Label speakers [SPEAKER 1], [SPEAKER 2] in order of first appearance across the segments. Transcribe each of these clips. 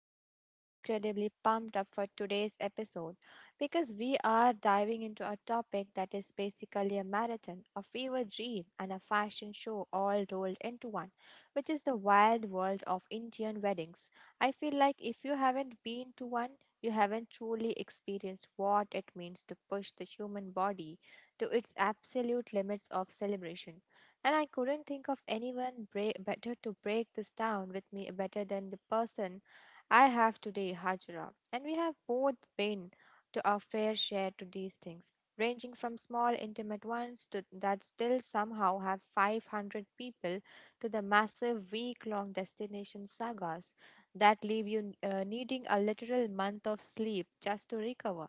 [SPEAKER 1] I'm so incredibly pumped up for today's episode because we are diving into a topic that is basically a marathon, a fever dream, and a fashion show all rolled into one, which is the wild world of Indian weddings. I feel like if you haven't been to one, you haven't truly experienced what it means to push the human body to its absolute limits of celebration. And I couldn't think of anyone better to break this down with me better than the person I have today, Hajra. And we have both been to our fair share to these things, ranging from small intimate ones to that still somehow have 500 people to the massive week-long destination sagas that leave you needing a literal month of sleep just to recover.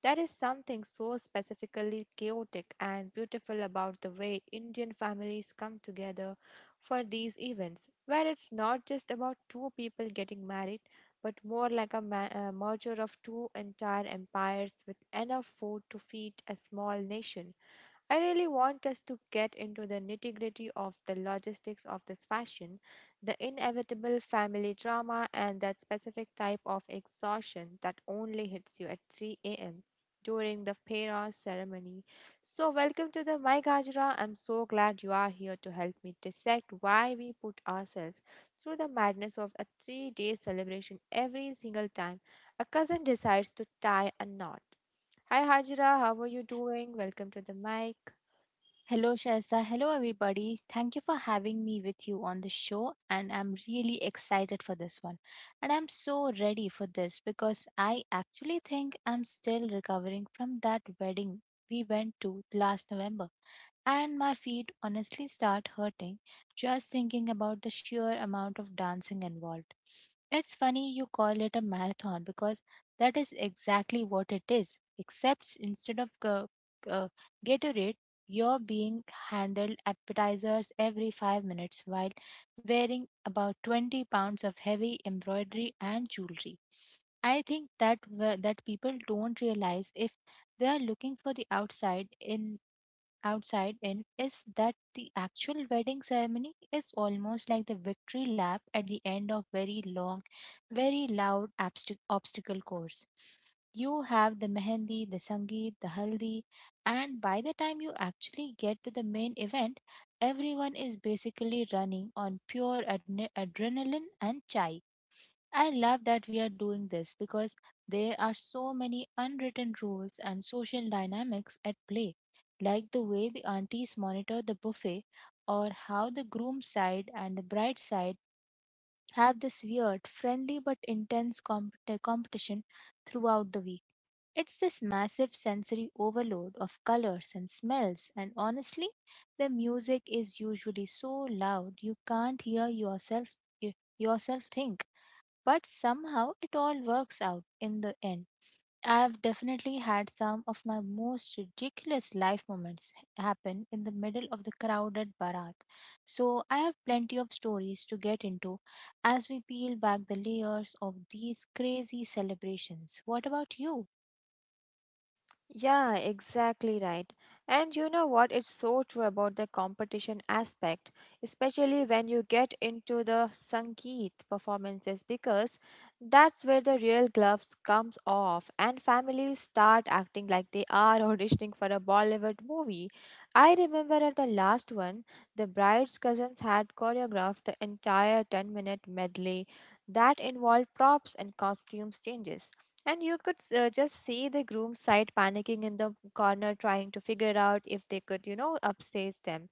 [SPEAKER 1] There is something so specifically chaotic and beautiful about the way Indian families come together for these events, where it's not just about two people getting married, but more like a merger of two entire empires with enough food to feed a small nation. I really want us to get into the nitty gritty of the logistics of this fashion, the inevitable family drama, and that specific type of exhaustion that only hits you at 3 a.m. during the Peras ceremony. So, welcome to the My Gajra. I'm so glad you are here to help me dissect why we put ourselves through the madness of a 3-day celebration every single time a cousin decides to tie a knot. Hi, Hajra. How are you doing? Welcome to the mic.
[SPEAKER 2] Hello, Shahza. Hello, everybody. Thank you for having me with you on the show, and I'm really excited for this one. And I'm so ready for this because I actually think I'm still recovering from that wedding we went to last November, and my feet honestly start hurting just thinking about the sheer amount of dancing involved. It's funny you call it a marathon because that is exactly what it is, except instead of uh, Gatorade. You're being handled appetizers every 5 minutes while wearing about 20 pounds of heavy embroidery and jewelry. I think that people don't realize, if they are looking for the outside in is that the actual wedding ceremony is almost like the victory lap at the end of very long, very loud obstacle course. You have the mehendi, the sangeet, the haldi, and by the time you actually get to the main event, everyone is basically running on pure adrenaline and chai. I love that we are doing this because there are so many unwritten rules and social dynamics at play, like the way the aunties monitor the buffet, or how the groom's side and the bride side have this weird, friendly but intense competition throughout the week. It's this massive sensory overload of colors and smells, and honestly, the music is usually so loud you can't hear yourself think, but somehow it all works out in the end. I've definitely had some of my most ridiculous life moments happen in the middle of the crowded barat. So I have plenty of stories to get into as we peel back the layers of these crazy celebrations. What about you?
[SPEAKER 1] Yeah, exactly right. And you know what? It's so true about the competition aspect, especially when you get into the Sangeet performances, because that's where the real gloves comes off and families start acting like they are auditioning for a Bollywood movie. I remember at the last one, the bride's cousins had choreographed the entire 10-minute medley that involved props and costumes changes. And you could just see the groom's side panicking in the corner, trying to figure out if they could, you know, upstage them.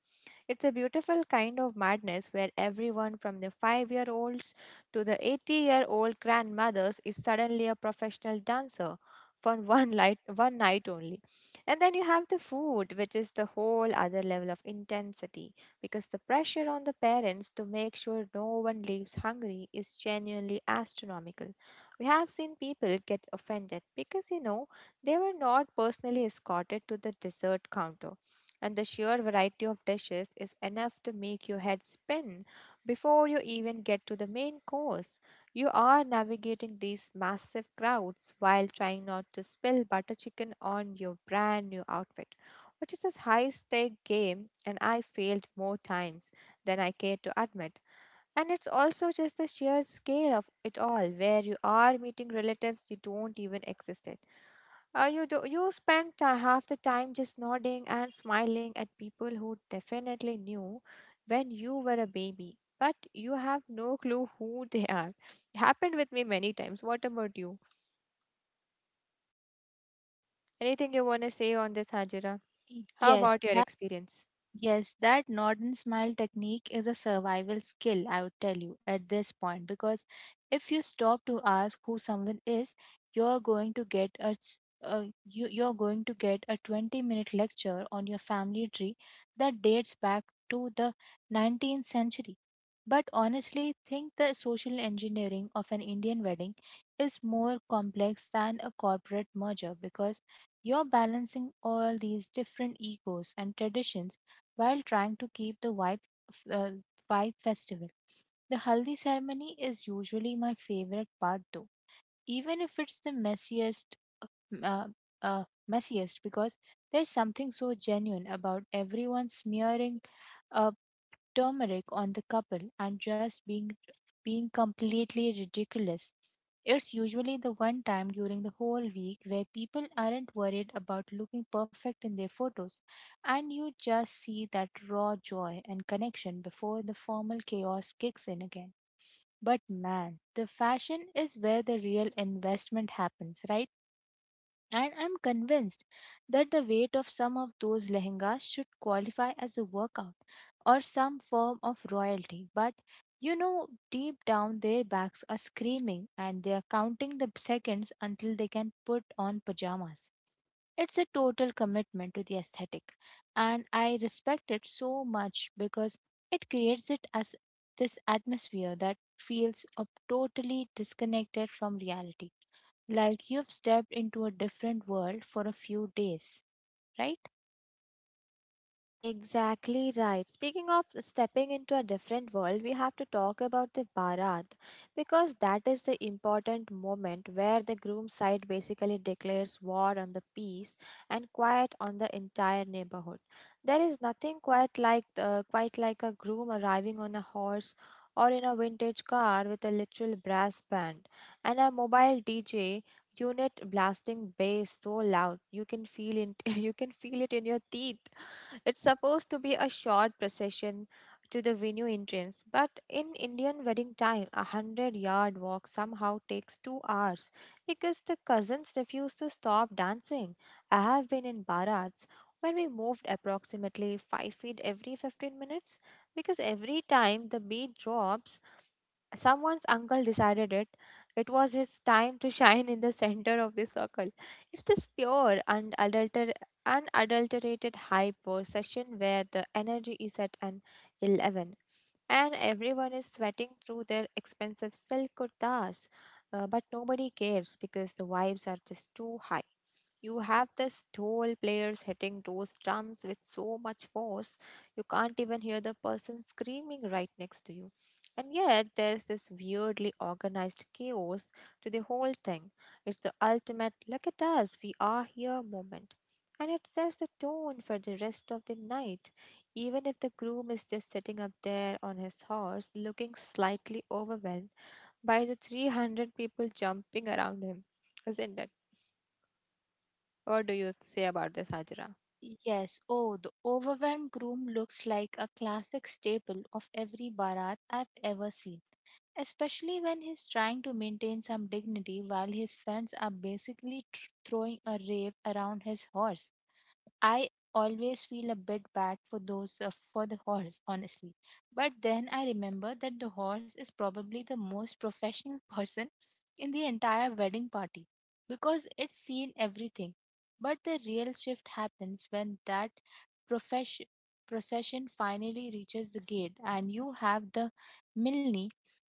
[SPEAKER 1] It's a beautiful kind of madness where everyone from the 5-year olds to the 80-year-old grandmothers is suddenly a professional dancer for one night only. And then you have the food, which is the whole other level of intensity because the pressure on the parents to make sure no one leaves hungry is genuinely astronomical. We have seen people get offended because, you know, they were not personally escorted to the dessert counter and the sheer variety of dishes is enough to make your head spin. Before you even get to the main course, you are navigating these massive crowds while trying not to spill butter chicken on your brand new outfit, which is a high stake game, and I failed more times than I care to admit. And it's also just the sheer scale of it all, where you are meeting relatives you don't even exist you do you spend ti- half the time just nodding and smiling at people who definitely knew when you were a baby, but you have no clue who they are. It happened with me many times. What about you? Anything you want to say on this, Hajira? How
[SPEAKER 2] Yes,
[SPEAKER 1] about your experience?
[SPEAKER 2] yes, that nod and smile technique is a survival skill, I would tell you at this point, because if you stop to ask who someone is, you're going to get a 20-minute lecture on your family tree that dates back to the 19th century. But honestly, think the social engineering of an Indian wedding is more complex than a corporate merger, because you're balancing all these different egos and traditions while trying to keep the f- uh, vibe festival. The haldi ceremony is usually my favorite part though, even if it's the uh, uh, uh, messiest, because there's something so genuine about everyone smearing uh, turmeric on the couple and just being completely ridiculous. It's usually the one time during the whole week where people aren't worried about looking perfect in their photos, and you just see that raw joy and connection before the formal chaos kicks in again. But man, the fashion is where the real investment happens, right? And I'm convinced that the weight of some of those lehengas should qualify as a workout or some form of royalty. But deep down their backs are screaming and they are counting the seconds until they can put on pajamas. It's a total commitment to the aesthetic, and I respect it so much because it creates it as this atmosphere that feels totally disconnected from reality, like you've stepped into a different world for a few days, right?
[SPEAKER 1] Exactly right. Speaking of stepping into a different world, we have to talk about the Bharat because that is the important moment where the groom side basically declares war on the peace and quiet on the entire neighborhood. There is nothing quite like a groom arriving on a horse or in a vintage car with a literal brass band and a mobile DJ unit blasting bass so loud you can feel it you can feel it in your teeth. It's supposed to be a short procession to the venue entrance, but in Indian wedding time, 100-yard walk somehow takes 2 hours because the cousins refuse to stop dancing. I have been in Bharats where we moved approximately 5 feet every 15 minutes because every time the beat drops, someone's uncle decided it. It was his time to shine in the center of the circle. It's this pure and unadulterated hype session where the energy is at an 11 and everyone is sweating through their expensive silk kurtas. But nobody cares because the vibes are just too high. You have this tall players hitting those drums with so much force, you can't even hear the person screaming right next to you. And yet, there's this weirdly organized chaos to the whole thing. It's the ultimate look at us, we are here moment. And it sets the tone for the rest of the night, even if the groom is just sitting up there on his horse looking slightly overwhelmed by the 300 people jumping around him, isn't it? What do you say about this, Hajra?
[SPEAKER 2] Yes, oh, the overwhelmed groom looks like a classic staple of every barat I've ever seen, especially when he's trying to maintain some dignity while his friends are basically throwing a rave around his horse. I always feel a bit bad for those for the horse, honestly. But then I remember that the horse is probably the most professional person in the entire wedding party, because it's seen everything. But the real shift happens when that profession procession finally reaches the gate and you have the milne,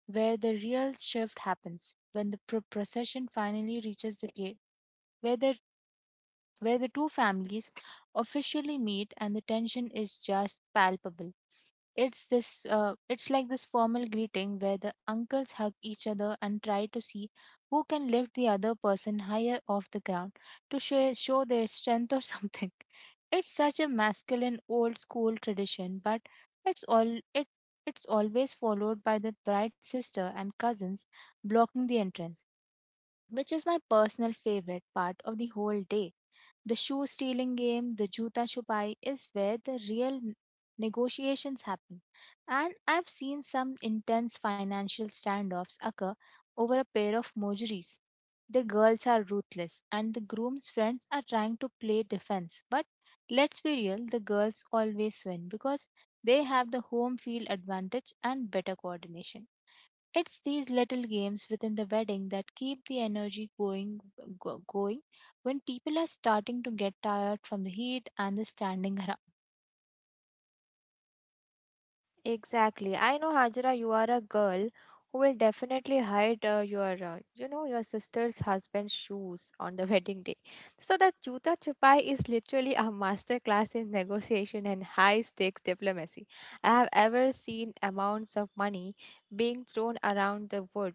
[SPEAKER 2] where the real shift happens when the procession finally reaches the gate, where the where the two families officially meet and the tension is just palpable. It's like this formal greeting where the uncles hug each other and try to see who can lift the other person higher off the ground to show their strength or something. It's such a masculine old school tradition, but it's all it it's always followed by the bride's sister and cousins blocking the entrance, which is my personal favorite part of the whole day, the shoe stealing game. The juta chupai is where the real negotiations happen. And I've seen some intense financial standoffs occur over a pair of mojuris. The girls are ruthless and the groom's friends are trying to play defense. But let's be real, the girls always win because they have the home field advantage and better coordination. It's these little games within the wedding that keep the energy going when people are starting to get tired from the heat and the standing around.
[SPEAKER 1] Exactly. I know, Hajra, you are a girl who will definitely hide you know, your sister's husband's shoes on the wedding day. So the chuta chupai is literally a master class in negotiation and high stakes diplomacy. I have ever seen amounts of money being thrown around the wood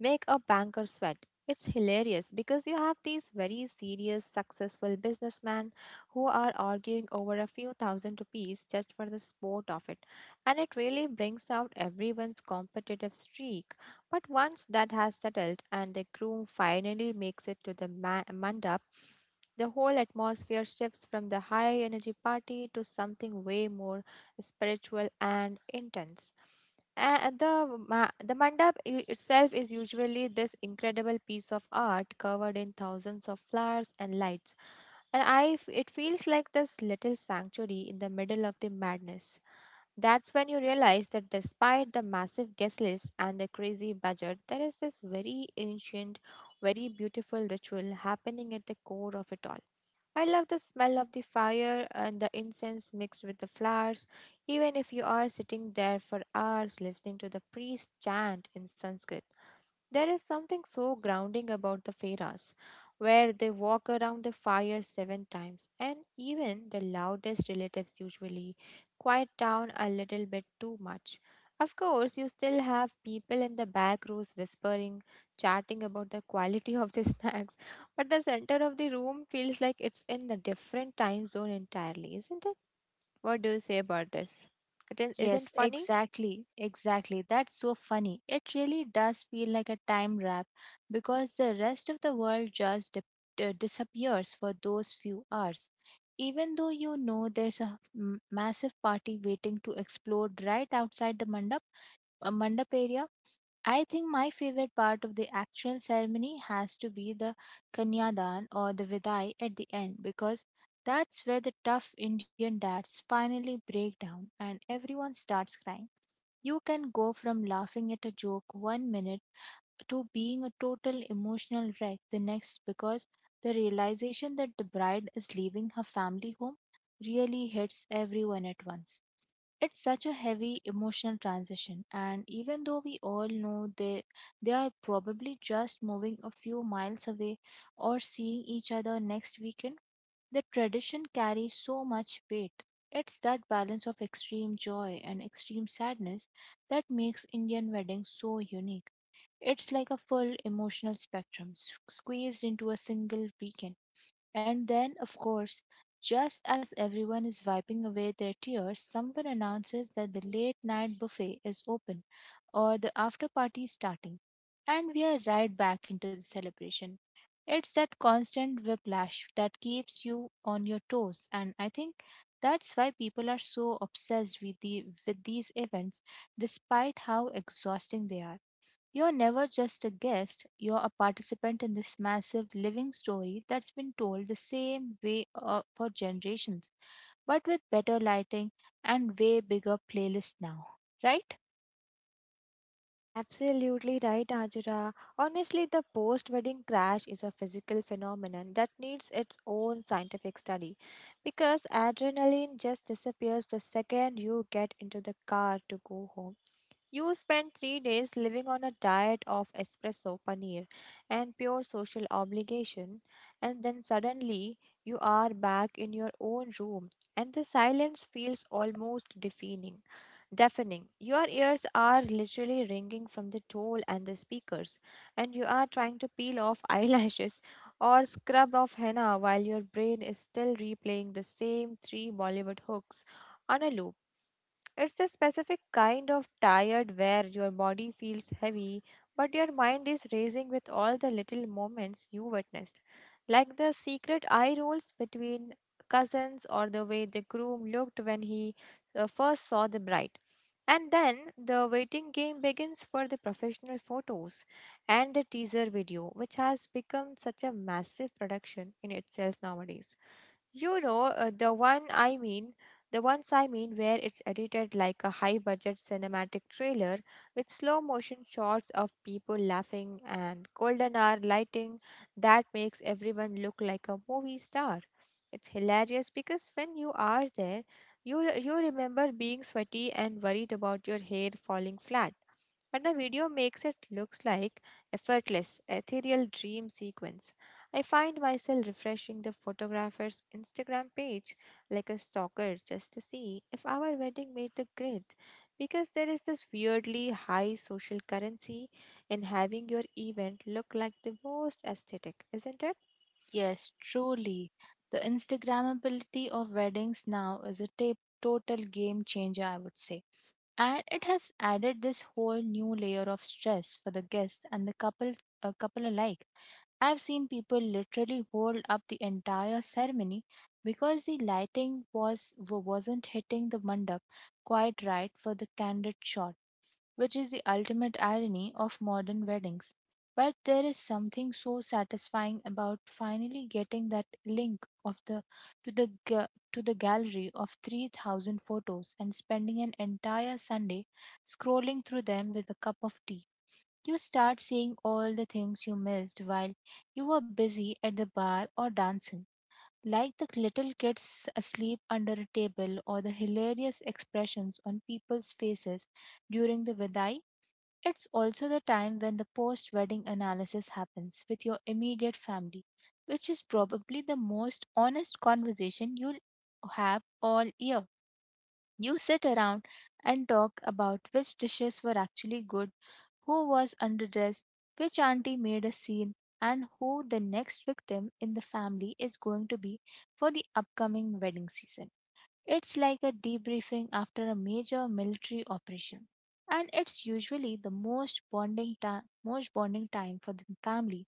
[SPEAKER 1] make a banker sweat. It's hilarious because you have these very serious, successful businessmen who are arguing over a few thousand rupees just for the sport of it and it really brings out everyone's competitive streak. But once that has settled and the groom finally makes it to the mandap, the whole atmosphere shifts from the high energy party to something way more spiritual and intense. Uh, the the mandap itself is usually this incredible piece of art covered in thousands of flowers and lights, and it feels like this little sanctuary in the middle of the madness. That's when you realize that despite the massive guest list and the crazy budget, there is this very ancient, very beautiful ritual happening at the core of it all. I love the smell of the fire and the incense mixed with the flowers, even if you are sitting there for hours listening to the priest chant in Sanskrit. There is something so grounding about the Feras, where they walk around the fire 7 times, and even the loudest relatives usually quiet down a little bit too much. Of course, you still have people in the back rows whispering, chatting about the quality of the snacks, but the center of the room feels like it's in a different time zone entirely, isn't it? What do you say about this? Isn't
[SPEAKER 2] Yes,
[SPEAKER 1] funny?
[SPEAKER 2] exactly. Exactly. That's so funny. It really does feel like a time wrap, because the rest of the world just disappears for those few hours. Even though you know there's a massive party waiting to explode right outside the mandap area. I think my favorite part of the actual ceremony has to be the Kanyadan or the Vidai at the end, because that's where the tough Indian dads finally break down and everyone starts crying. You can go from laughing at a joke one minute to being a total emotional wreck the next, because the realization that the bride is leaving her family home really hits everyone at once. It's such a heavy emotional transition, and even though we all know they are probably just moving a few miles away or seeing each other next weekend, the tradition carries so much weight. It's that balance of extreme joy and extreme sadness that makes Indian weddings so unique. It's like a full emotional spectrum squeezed into a single weekend. And then, of course, just as everyone is wiping away their tears, someone announces that the late night buffet is open or the after party is starting. And we are right back into the celebration. It's that constant whiplash that keeps you on your toes, and I think that's why people are so obsessed with these events, despite how exhausting they are. You're never just a guest, you're a participant in this massive living story that's been told the same way, for generations, but with better lighting and way bigger playlist now, right?
[SPEAKER 1] Absolutely right, Ajira. Honestly, the post wedding crash is a physical phenomenon that needs its own scientific study because adrenaline just disappears the second you get into the car to go home. You spend 3 days living on a diet of espresso paneer and pure social obligation, and then suddenly you are back in your own room, and the silence feels almost deafening. Your ears are literally ringing from the toll and the speakers, and you are trying to peel off eyelashes or scrub off henna while your brain is still replaying the same 3 Bollywood hooks on a loop. It's a specific kind of tired where your body feels heavy, but your mind is racing with all the little moments you witnessed, like the secret eye rolls between cousins or the way the groom looked when he first saw the bride. And then the waiting game begins for the professional photos and the teaser video, which has become such a massive production in itself nowadays. You know, uh, the one I mean, the ones I mean where it's edited like a high budget cinematic trailer with slow motion shots of people laughing and golden hour lighting that makes everyone look like a movie star. It's hilarious because when you are there, you remember being sweaty and worried about your hair falling flat. But the video makes it looks like effortless, ethereal dream sequence. I find myself refreshing the photographer's Instagram page like a stalker just to see if our wedding made the grid because there is this weirdly high social currency in having your event look like the most aesthetic, isn't it?
[SPEAKER 2] Yes, truly. The Instagrammability of weddings now is a total game changer, I would say. And it has added this whole new layer of stress for the guests and the couple alike. I've seen people literally hold up the entire ceremony because the lighting wasn't hitting the mandap quite right for the candid shot, which is the ultimate irony of modern weddings. But there is something so satisfying about finally getting that link of the to the ga- to the gallery of 3,000 photos and spending an entire Sunday scrolling through them with a cup of tea. You start seeing all the things you missed while you were busy at the bar or dancing, like the little kids asleep under a table or the hilarious expressions on people's faces during the vidai. It's also the time when the post wedding analysis happens with your immediate family, which is probably the most honest conversation you'll have all year. You sit around and talk about which dishes were actually good, who was underdressed, which auntie made a scene, and who the next victim in the family is going to be for the upcoming wedding season. It's like a debriefing after a major military operation. And it's usually the most bonding time for the family,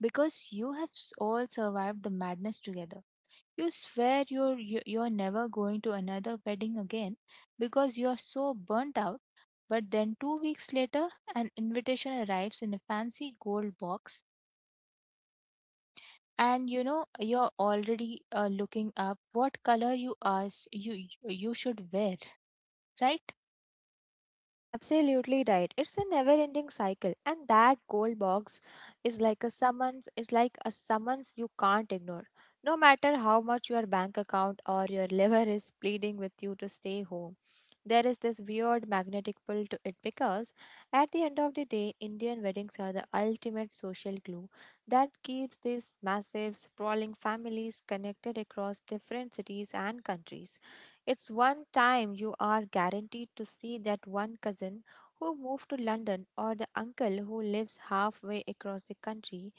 [SPEAKER 2] because you have all survived the madness together. You swear you're never going to another wedding again because you're so burnt out. But then 2 weeks later, an invitation arrives in a fancy gold box, and you know you're already looking up what color you asked you you should wear, right?
[SPEAKER 1] Absolutely right. It's a never ending cycle. And that gold box is like a summons you can't ignore. No matter how much your bank account or your liver is pleading with you to stay home, there is this weird magnetic pull to it because at the end of the day, Indian weddings are the ultimate social glue that keeps these massive, sprawling families connected across different cities and countries. It's one time you are guaranteed to see that one cousin who moved to London, or the uncle who lives halfway across the country,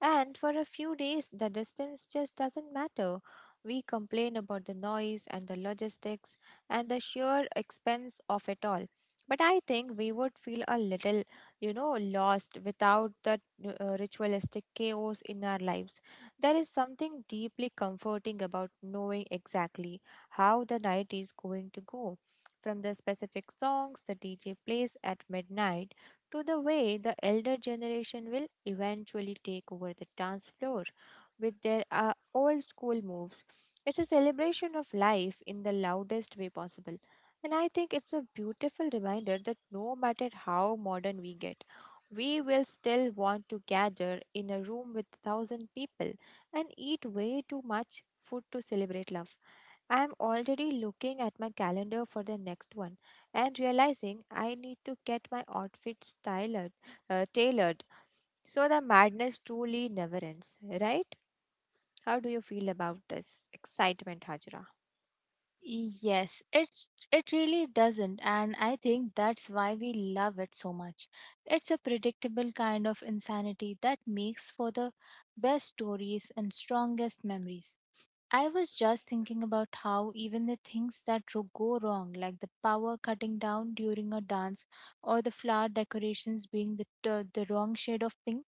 [SPEAKER 1] and for a few days the distance just doesn't matter. We complain about the noise and the logistics and the sheer expense of it all. But I think we would feel a little, lost without the ritualistic chaos in our lives. There is something deeply comforting about knowing exactly how the night is going to go, from the specific songs the DJ plays at midnight to the way the elder generation will eventually take over the dance floor with their old school moves. It's a celebration of life in the loudest way possible. And I think it's a beautiful reminder that no matter how modern we get, we will still want to gather in a room with a thousand people and eat way too much food to celebrate love. I'm already looking at my calendar for the next one and realizing I need to get my outfits tailored, so the madness truly never ends, right? How do you feel about this excitement, Hajra?
[SPEAKER 2] Yes, it really doesn't, and I think that's why we love it so much. It's a predictable kind of insanity that makes for the best stories and strongest memories. I was just thinking about how even the things that go wrong, like the power cutting down during a dance or the flower decorations being the wrong shade of pink,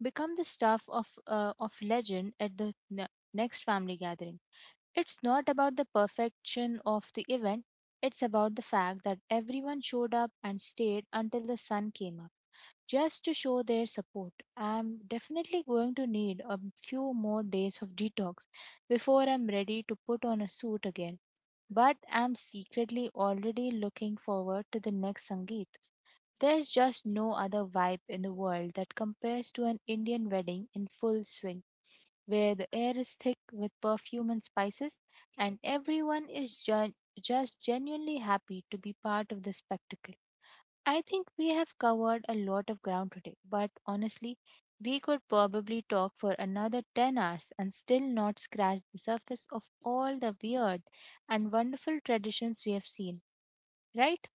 [SPEAKER 2] become the stuff of legend at the next family gathering. It's not about the perfection of the event, it's about the fact that everyone showed up and stayed until the sun came up, just to show their support. I'm definitely going to need a few more days of detox before I'm ready to put on a suit again. But I'm secretly already looking forward to the next Sangeet. There's just no other vibe in the world that compares to an Indian wedding in full swing, where the air is thick with perfume and spices, and everyone is just genuinely happy to be part of the spectacle. I think we have covered a lot of ground today, but honestly, we could probably talk for another 10 hours and still not scratch the surface of all the weird and wonderful traditions we have seen, right?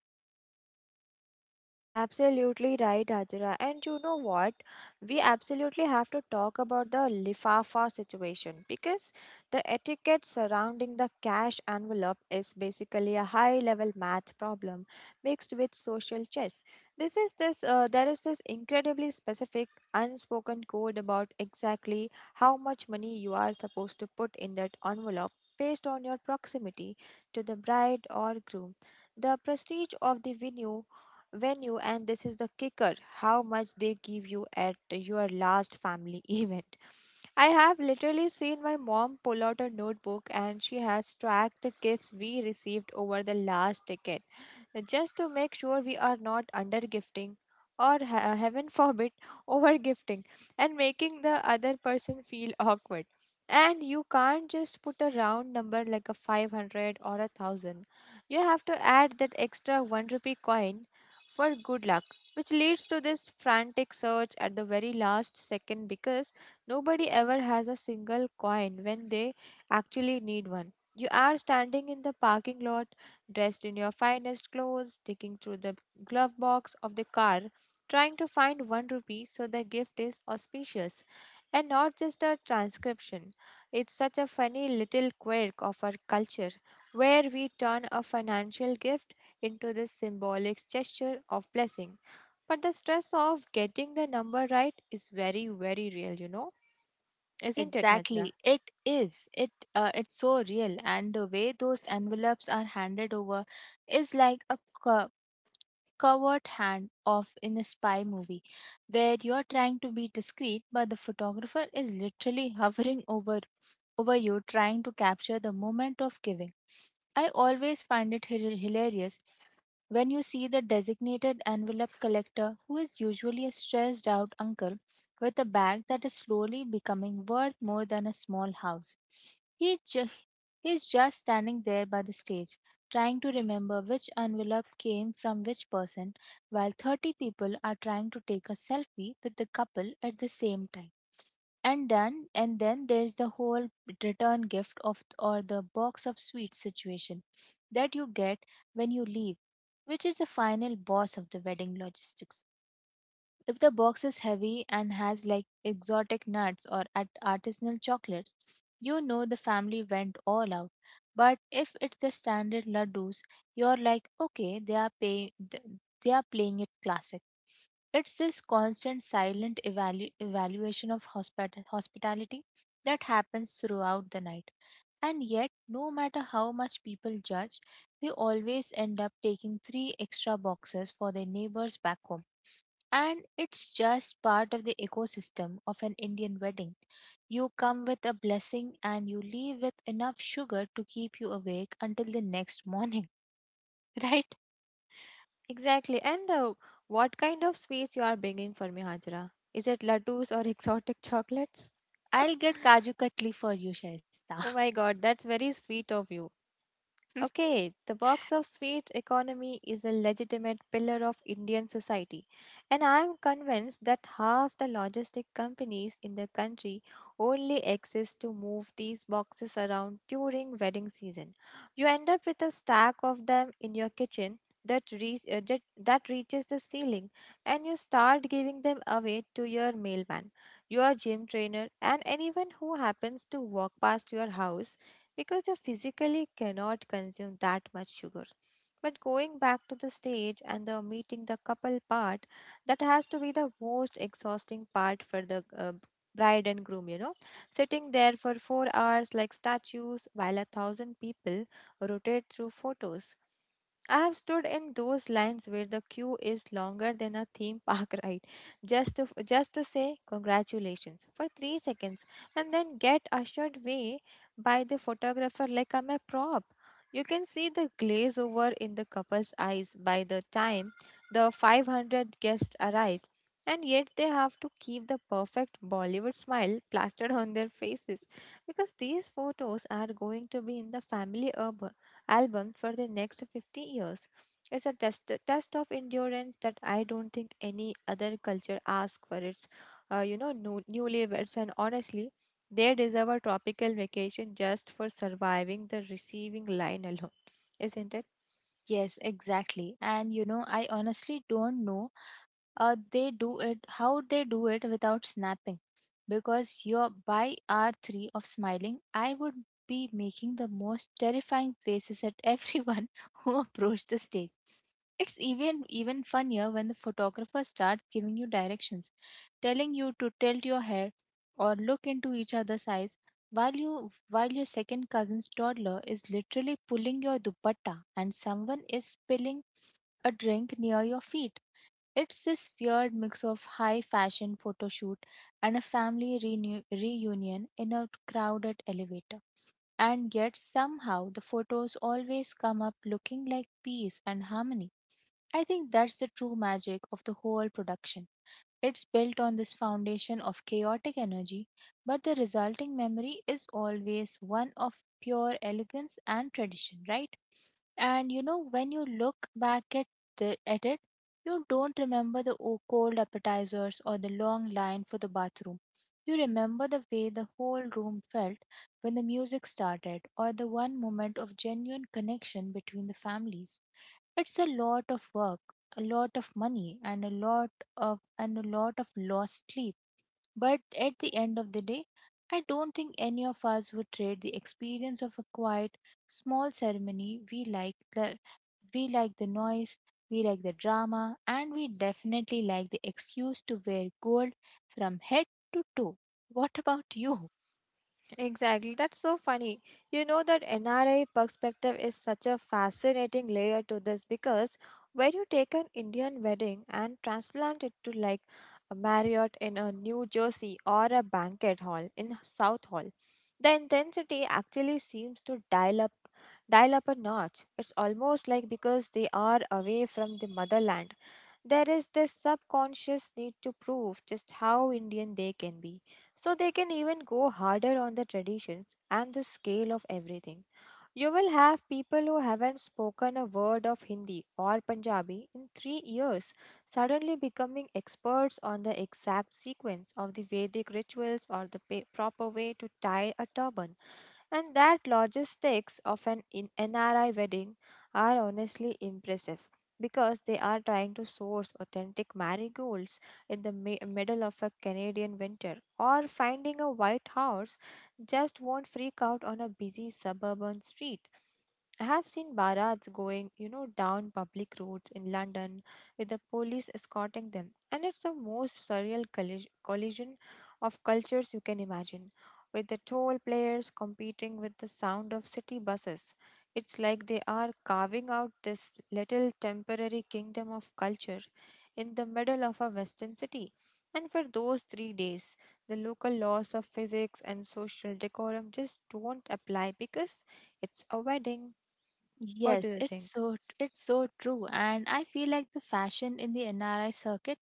[SPEAKER 1] Absolutely right, Ajira. And you know what? We absolutely have to talk about the lifafa situation, because the etiquette surrounding the cash envelope is basically a high-level math problem mixed with social chess. This is this. There is this incredibly specific unspoken code about exactly how much money you are supposed to put in that envelope based on your proximity to the bride or groom, the prestige of the venue, and, this is the kicker, how much they give you at your last family event. I have literally seen my mom pull out a notebook, and she has tracked the gifts we received over the last decade just to make sure we are not under gifting or heaven forbid over gifting and making the other person feel awkward. And you can't just put a round number like a 500 or a thousand, you have to add that extra 1 rupee coin for good luck, which leads to this frantic search at the very last second because nobody ever has a single coin when they actually need one. You are standing in the parking lot dressed in your finest clothes, digging through the glove box of the car, trying to find one rupee so the gift is auspicious and not just a transcription. It's such a funny little quirk of our culture, where we turn a financial gift into this symbolic gesture of blessing. But the stress of getting the number right is very, very real, you know, isn't it, Hajra?
[SPEAKER 2] Exactly. It is. It's so real, and the way those envelopes are handed over is like a covert hand of in a spy movie, where you are trying to be discreet, but the photographer is literally hovering over you, trying to capture the moment of giving. I always find it hilarious when you see the designated envelope collector, who is usually a stressed out uncle with a bag that is slowly becoming worth more than a small house. He, ju- he is just standing there by the stage, trying to remember which envelope came from which person, while 30 people are trying to take a selfie with the couple at the same time. And then there's the whole return gift of or the box of sweets situation that you get when you leave, which is the final boss of the wedding logistics. If the box is heavy and has like exotic nuts or at artisanal chocolates, you know the family went all out. But if it's the standard ladoos, you're like, okay, they are playing it classic. It's this constant silent evaluation of hospitality that happens throughout the night. And yet, no matter how much people judge, they always end up taking three extra boxes for their neighbors back home. And it's just part of the ecosystem of an Indian wedding. You come with a blessing, and you leave with enough sugar to keep you awake until the next morning, right?
[SPEAKER 1] Exactly. And what kind of sweets you are bringing for me, Hajra? Is it laddus or exotic chocolates?
[SPEAKER 2] I'll get Kaju Katli for you, Shaista.
[SPEAKER 1] Oh my god, that's very sweet of you. Okay, the box of sweets economy is a legitimate pillar of Indian society, and I am convinced that half the logistic companies in the country only exist to move these boxes around during wedding season. You end up with a stack of them in your kitchen that that reaches the ceiling, and you start giving them away to your mailman, your gym trainer, and anyone who happens to walk past your house, because you physically cannot consume that much sugar. But going back to the stage and the meeting the couple part, that has to be the most exhausting part for the bride and groom, you know. Sitting there for 4 hours like statues while a thousand people rotate through photos. I have stood in those lines where the queue is longer than a theme park ride, just to just to say congratulations for 3 seconds, and then get ushered away by the photographer like I'm a prop. You can see the glaze over in the couple's eyes by the time the 500 guests arrive, and yet they have to keep the perfect Bollywood smile plastered on their faces, because these photos are going to be in the family album for the next 50 years. It's a test of endurance that I don't think any other culture asks for its, newlyweds. And honestly, they deserve a tropical vacation just for surviving the receiving line alone, isn't it?
[SPEAKER 2] Yes, exactly. And you know, I honestly don't know, they do it how they do it without snapping. Because you're by R3 of smiling, I would be making the most terrifying faces at everyone who approached the stage. It's even funnier when the photographer starts giving you directions, telling you to tilt your hair or look into each other's eyes, while your second cousin's toddler is literally pulling your dupatta and someone is spilling a drink near your feet. It's this weird mix of high fashion photo shoot and a family reunion in a crowded elevator. And yet, somehow, the photos always come up looking like peace and harmony. I think that's the true magic of the whole production. It's built on this foundation of chaotic energy, but the resulting memory is always one of pure elegance and tradition, right? And you know, when you look back at it, you don't remember the cold appetizers or the long line for the bathroom. You remember the way the whole room felt when the music started, or the one moment of genuine connection between the families. It's a lot of work, a lot of money, and a lot of lost sleep. But at the end of the day, I don't think any of us would trade the experience of a quiet, small ceremony. We like the noise, we like the drama, and we definitely like the excuse to wear gold from head to toe. What about you?
[SPEAKER 1] Exactly. That's so funny. You know, that NRI perspective is such a fascinating layer to this, because when you take an Indian wedding and transplant it to like a Marriott in a New Jersey or a banquet hall in South Hall, the intensity actually seems to dial up a notch. It's almost like, because they are away from the motherland, there is this subconscious need to prove just how Indian they can be. So they can even go harder on the traditions and the scale of everything. You will have people who haven't spoken a word of Hindi or Punjabi in 3 years suddenly becoming experts on the exact sequence of the Vedic rituals or the proper way to tie a turban. And that logistics of an in NRI wedding are honestly impressive, because they are trying to source authentic marigolds in the middle of a Canadian winter, or finding a white house just won't freak out on a busy suburban street. I have seen barats going, you know, down public roads in London with the police escorting them, and it's the most surreal collision of cultures you can imagine, with the toll players competing with the sound of city buses. It's like they are carving out this little temporary kingdom of culture in the middle of a western city. And for those 3 days, the local laws of physics and social decorum just don't apply, because it's a wedding. What do
[SPEAKER 2] Yes,
[SPEAKER 1] you
[SPEAKER 2] it's
[SPEAKER 1] think?
[SPEAKER 2] so it's so true, and I feel like the fashion in the NRI circuit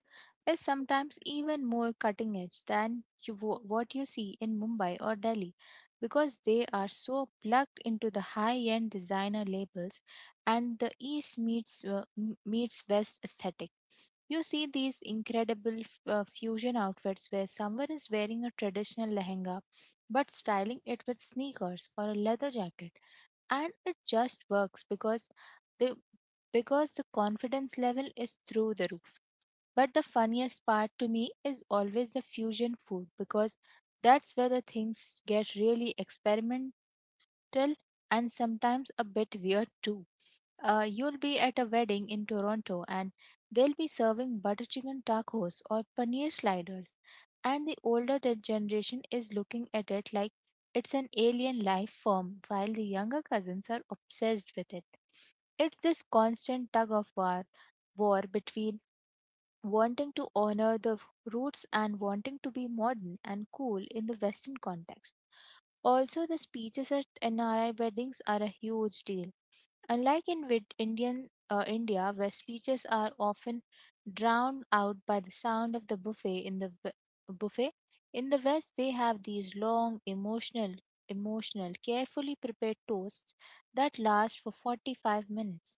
[SPEAKER 2] is sometimes even more cutting edge than what you see in Mumbai or Delhi, because they are so plugged into the high-end designer labels and the east meets meets west aesthetic. You see these incredible fusion outfits where someone is wearing a traditional lehenga but styling it with sneakers or a leather jacket, and it just works, the because the confidence level is through the roof. But the funniest part to me is always the fusion food, because that's where the things get really experimental and sometimes a bit weird too. You'll be at a wedding in Toronto, and they'll be serving butter chicken tacos or paneer sliders. And the older generation is looking at it like it's an alien life form, while the younger cousins are obsessed with it. It's this constant tug of war between wanting to honor the roots and wanting to be modern and cool in the Western context. Also, the speeches at NRI weddings are a huge deal. Unlike in India, where speeches are often drowned out by the sound of the buffet in the buffet, in the West they have these long, emotional, carefully prepared toasts that last for 45 minutes.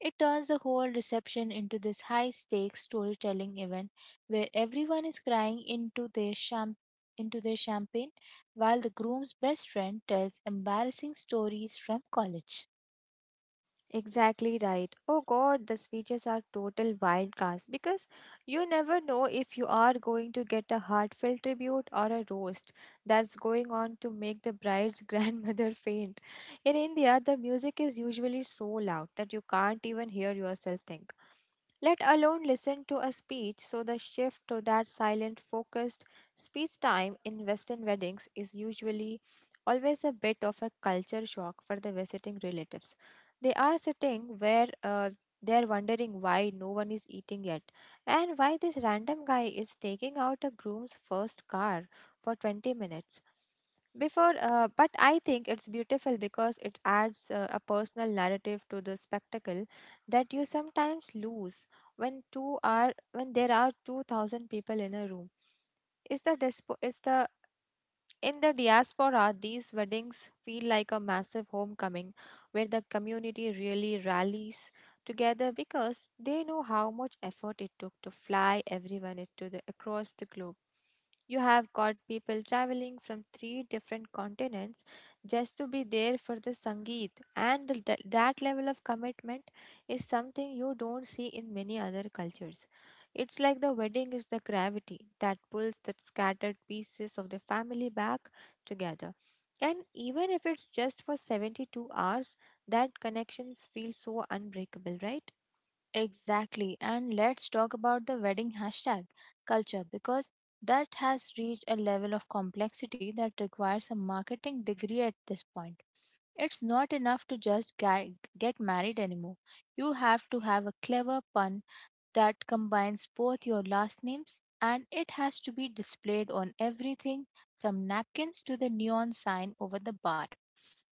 [SPEAKER 2] It turns the whole reception into this high-stakes storytelling event, where everyone is crying into their champagne while the groom's best friend tells embarrassing stories from college.
[SPEAKER 1] Exactly right. Oh God, the speeches are total wildcards, because you never know if you are going to get a heartfelt tribute or a roast that's going on to make the bride's grandmother faint. In India, the music is usually so loud that you can't even hear yourself think, let alone listen to a speech. So, the shift to that silent, focused speech time in Western weddings is usually always a bit of a culture shock for the visiting relatives. They are sitting where they're wondering why no one is eating yet, and why this random guy is taking out a groom's first car for 20 minutes before. But I think it's beautiful because it adds a personal narrative to the spectacle that you sometimes lose when two are when there are 2000 people in a room. Is the dispo- is the in the diaspora, these weddings feel like a massive homecoming where the community really rallies together, because they know how much effort it took to fly everyone into the, across the globe. You have got people traveling from three different continents just to be there for the Sangeet, and the, that level of commitment is something you don't see in many other cultures. It's like the wedding is the gravity that pulls the scattered pieces of the family back together. And even if it's just for 72 hours, that connections feel so unbreakable, right?
[SPEAKER 2] Exactly. And let's talk about the wedding hashtag culture, because that has reached a level of complexity that requires a marketing degree at this point. It's not enough to just get married anymore. You have to have a clever pun that combines both your last names, and it has to be displayed on everything from napkins to the neon sign over the bar.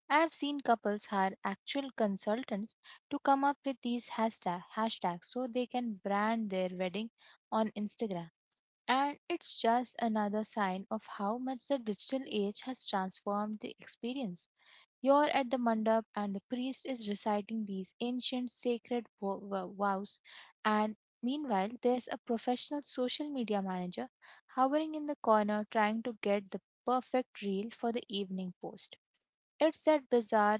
[SPEAKER 2] I have seen couples hire actual consultants to come up with these hashtags so they can brand their wedding on Instagram. And it's just another sign of how much the digital age has transformed the experience. You're at the mandap, and the priest is reciting these ancient sacred vows. And meanwhile, there's a professional social media manager hovering in the corner, trying to get the perfect reel for the evening post. It's that bizarre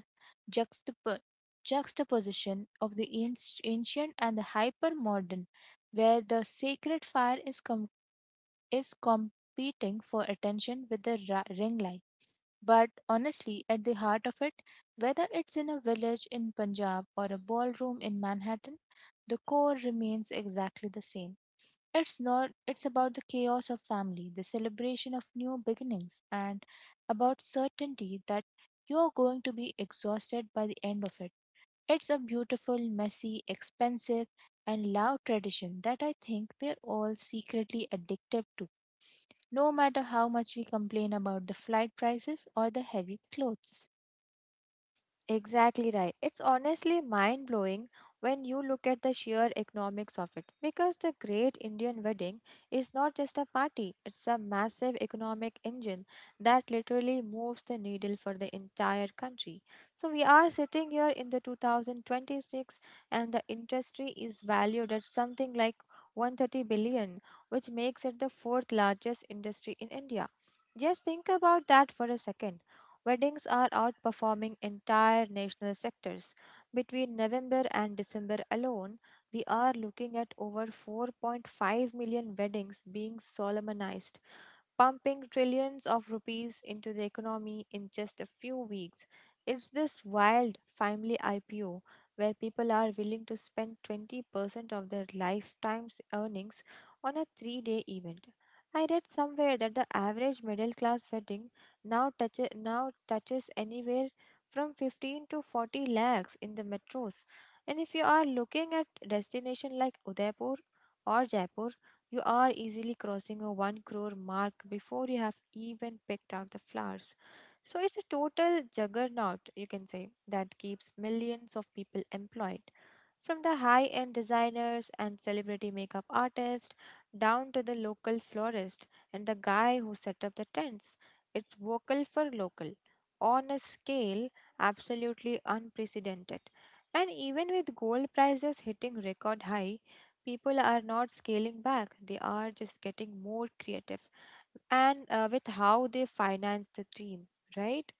[SPEAKER 2] juxtap- juxtaposition of the ancient and the hyper modern, where the sacred fire is competing for attention with the ring light. But honestly, at the heart of it, whether it's in a village in Punjab or a ballroom in Manhattan, the core remains exactly the same. It's not, it's about the chaos of family, the celebration of new beginnings, and about certainty that you're going to be exhausted by the end of it. It's a beautiful, messy, expensive, and loud tradition that I think we're all secretly addicted to, no matter how much we complain about the flight prices or the heavy clothes.
[SPEAKER 1] Exactly right. It's honestly mind blowing when you look at the sheer economics of it, because the Great Indian Wedding is not just a party, it's a massive economic engine that literally moves the needle for the entire country. So we are sitting here in the 2026, and the industry is valued at something like 130 billion, which makes it the fourth largest industry in India. Just think about that for a second. Weddings are outperforming entire national sectors. Between November and December alone, we are looking at over 4.5 million weddings being solemnized, pumping trillions of rupees into the economy in just a few weeks. It's this wild family IPO where people are willing to spend 20% of their lifetime's earnings on a 3 day event. I read somewhere that the average middle class wedding now touches anywhere from 15 to 40 lakhs in the metros. And if you are looking at destination like Udaipur or Jaipur, you are easily crossing a 1 crore mark before you have even picked out the flowers. So it's a total juggernaut, you can say, that keeps millions of people employed. From the high end designers and celebrity makeup artists down to the local florist and the guy who set up the tents, it's vocal for local on a scale absolutely unprecedented. And even with gold prices hitting record high, people are not scaling back, they are just getting more creative, and with how they finance the team, right?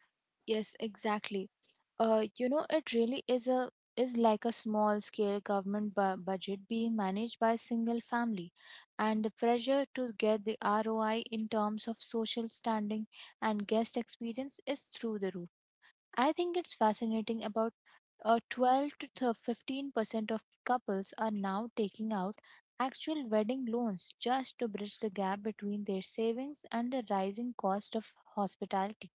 [SPEAKER 2] Yes, exactly. It really is like a small scale government budget being managed by a single family, and the pressure to get the ROI in terms of social standing and guest experience is through the roof. I think it's fascinating about, 12 to 15% of couples are now taking out actual wedding loans just to bridge the gap between their savings and the rising cost of hospitality.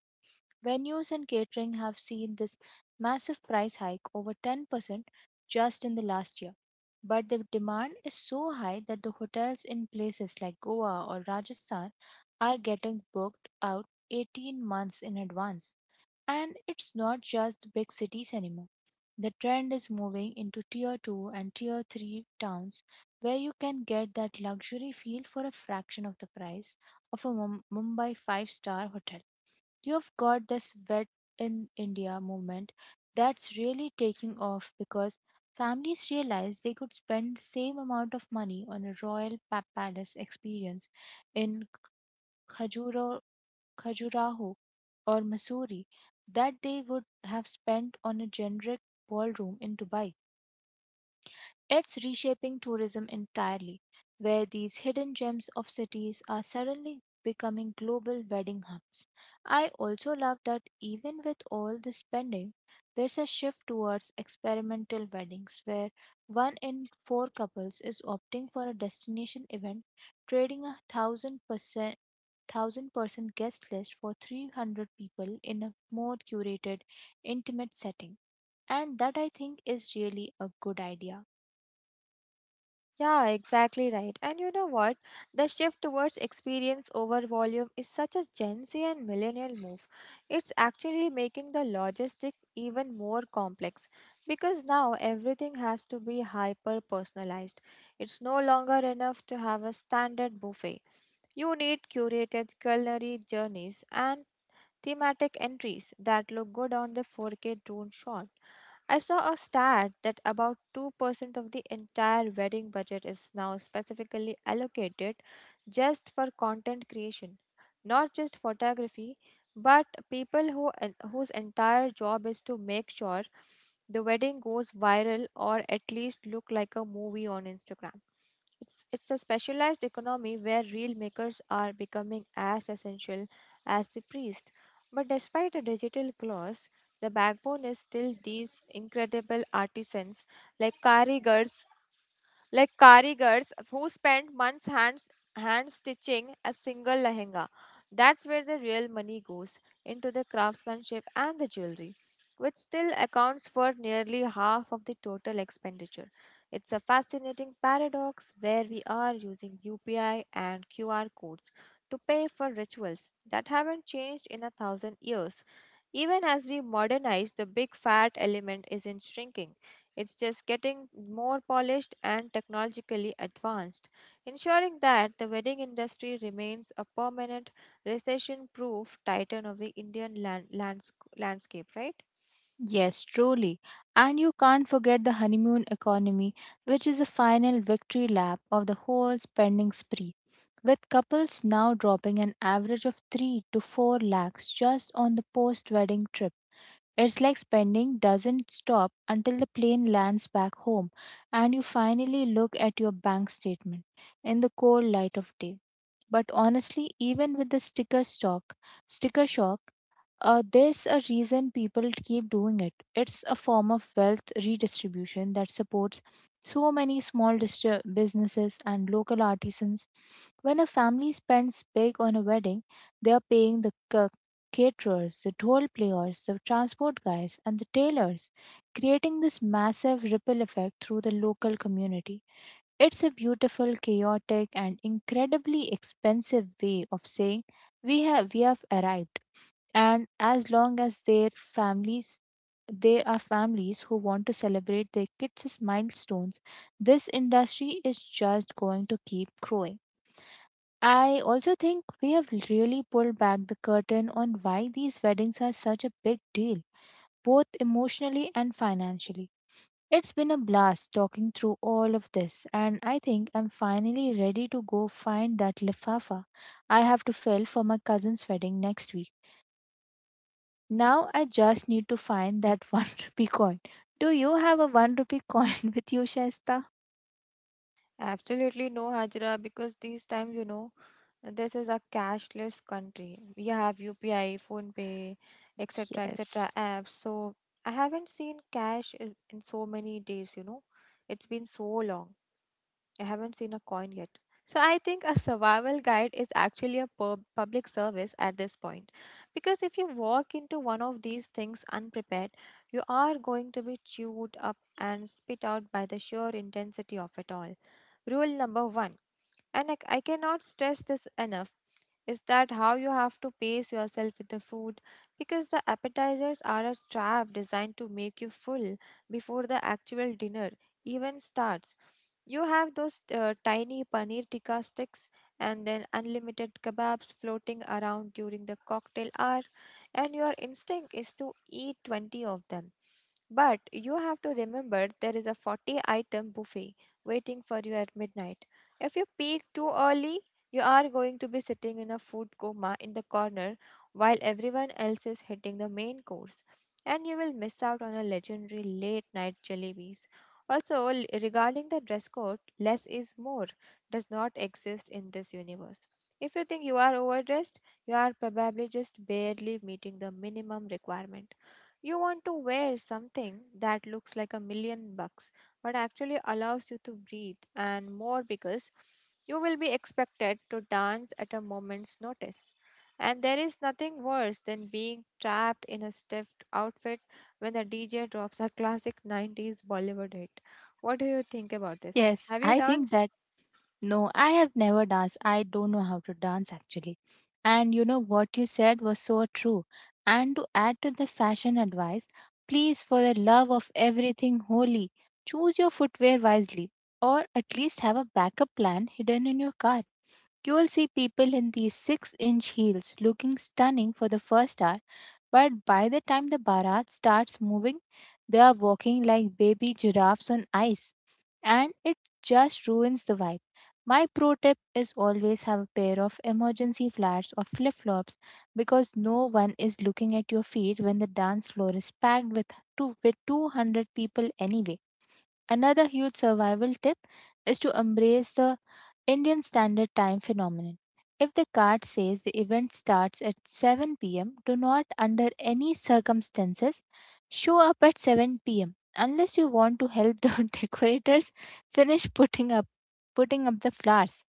[SPEAKER 2] Venues and catering have seen this massive price hike over 10% just in the last year. But the demand is so high that the hotels in places like Goa or Rajasthan are getting booked out 18 months in advance. And it's not just the big cities anymore. The trend is moving into tier 2 and tier 3 towns, where you can get that luxury feel for a fraction of the price of a Mumbai five star hotel. You've got this wet in India movement that's really taking off, because families realize they could spend the same amount of money on a royal palace experience in Khajuraho Khajuraho, or Mussoorie, that they would have spent on a generic ballroom in Dubai. It's reshaping tourism entirely, where these hidden gems of cities are suddenly becoming global wedding hubs. I also love that even with all the spending, there's a shift towards experimental weddings, where one in four couples is opting for a destination event, trading a thousand person guest list for 300 people in a more curated, intimate setting. And that, I think, is really a good idea.
[SPEAKER 1] Yeah, exactly right. And you know what? The shift towards experience over volume is such a Gen Z and millennial move. It's actually making the logistic even more complex, because now everything has to be hyper personalized. It's no longer enough to have a standard buffet. You need curated culinary journeys and thematic entries that look good on the 4K drone shot. I saw a stat that about 2% of the entire wedding budget is now specifically allocated just for content creation, not just photography, but whose entire job is to make sure the wedding goes viral or at least look like a movie on Instagram. It's a specialized economy where reel makers are becoming as essential as the priest. But despite a digital gloss, the backbone is still these incredible artisans like karigars, who spend months hand stitching a single lehenga. That's where the real money goes, into the craftsmanship and the jewelry, which still accounts for nearly half of the total expenditure. It's a fascinating paradox where we are using UPI and QR codes to pay for rituals that haven't changed in 1,000 years. Even as we modernize, the big fat element isn't shrinking. It's just getting more polished and technologically advanced, ensuring that the wedding industry remains a permanent recession proof titan of the Indian landscape, right?
[SPEAKER 2] Yes, truly. And you can't forget the honeymoon economy, which is the final victory lap of the whole spending spree, with couples now dropping an average of 3 to 4 lakhs just on the post wedding trip. It's like spending doesn't stop until the plane lands back home, and you finally look at your bank statement in the cold light of day. But honestly, even with the sticker shock, there's a reason people keep doing it. It's a form of wealth redistribution that supports so many small businesses and local artisans. When a family spends big on a wedding, they are paying the caterers, the toll players, the transport guys, and the tailors, creating this massive ripple effect through the local community. It's a beautiful, chaotic, and incredibly expensive way of saying we have arrived. And as long as their families there are families who want to celebrate their kids' milestones. This industry is just going to keep growing. I also think we have really pulled back the curtain on why these weddings are such a big deal, both emotionally and financially. It's been a blast talking through all of this, and I think I'm finally ready to go find that lifafa I have to fill for my cousin's wedding next week. Now I just need to find that 1 rupee coin. Do you have a 1 rupee coin with you, Shaista?
[SPEAKER 1] Absolutely no, Hajra, because these times, you know, this is a cashless country. We have UPI, PhonePe, etc.,
[SPEAKER 2] Yes.
[SPEAKER 1] etc. apps. So I haven't seen cash in so many days, you know. It's been so long. I haven't seen a coin yet. So I think a survival guide is actually a public service at this point. Because if you walk into one of these things unprepared, you are going to be chewed up and spit out by the sheer intensity of it all. Rule number one, and I cannot stress this enough, is that how you have to pace yourself with the food, because the appetizers are a trap designed to make you full before the actual dinner even starts. You have those tiny paneer tikka sticks and then unlimited kebabs floating around during the cocktail hour, and your instinct is to eat 20 of them. But you have to remember there is a 40 item buffet waiting for you at midnight. If you peak too early, you are going to be sitting in a food coma in the corner while everyone else is hitting the main course, and you will miss out on a legendary late night jalebis. Also, regarding the dress code, less is more does not exist in this universe. If you think you are overdressed, you are probably just barely meeting the minimum requirement. You want to wear something that looks like a million bucks, but actually allows you to breathe and more, because you will be expected to dance at a moment's notice. And there is nothing worse than being trapped in a stiff outfit when the DJ drops a classic 90s Bollywood hit. What do you think about this?
[SPEAKER 2] Yes,
[SPEAKER 1] Have you
[SPEAKER 2] I think
[SPEAKER 1] danced?
[SPEAKER 2] that. No, I have never danced. I don't know how to dance actually. And you know what you said was so true. And to add to the fashion advice, please, for the love of everything holy, choose your footwear wisely, or at least have a backup plan hidden in your car. You will see people in these 6-inch inch heels looking stunning for the first hour, but by the time the Bharat starts moving, they are walking like baby giraffes on ice, and it just ruins the vibe. My pro tip is always have a pair of emergency flats or flip flops because no one is looking at your feet when the dance floor is packed with 200 people anyway. Another huge survival tip is to embrace the Indian Standard Time phenomenon. If the card says the event starts at 7 p.m., do not, under any circumstances, show up at 7 p.m. unless you want to help the decorators finish putting up the flowers.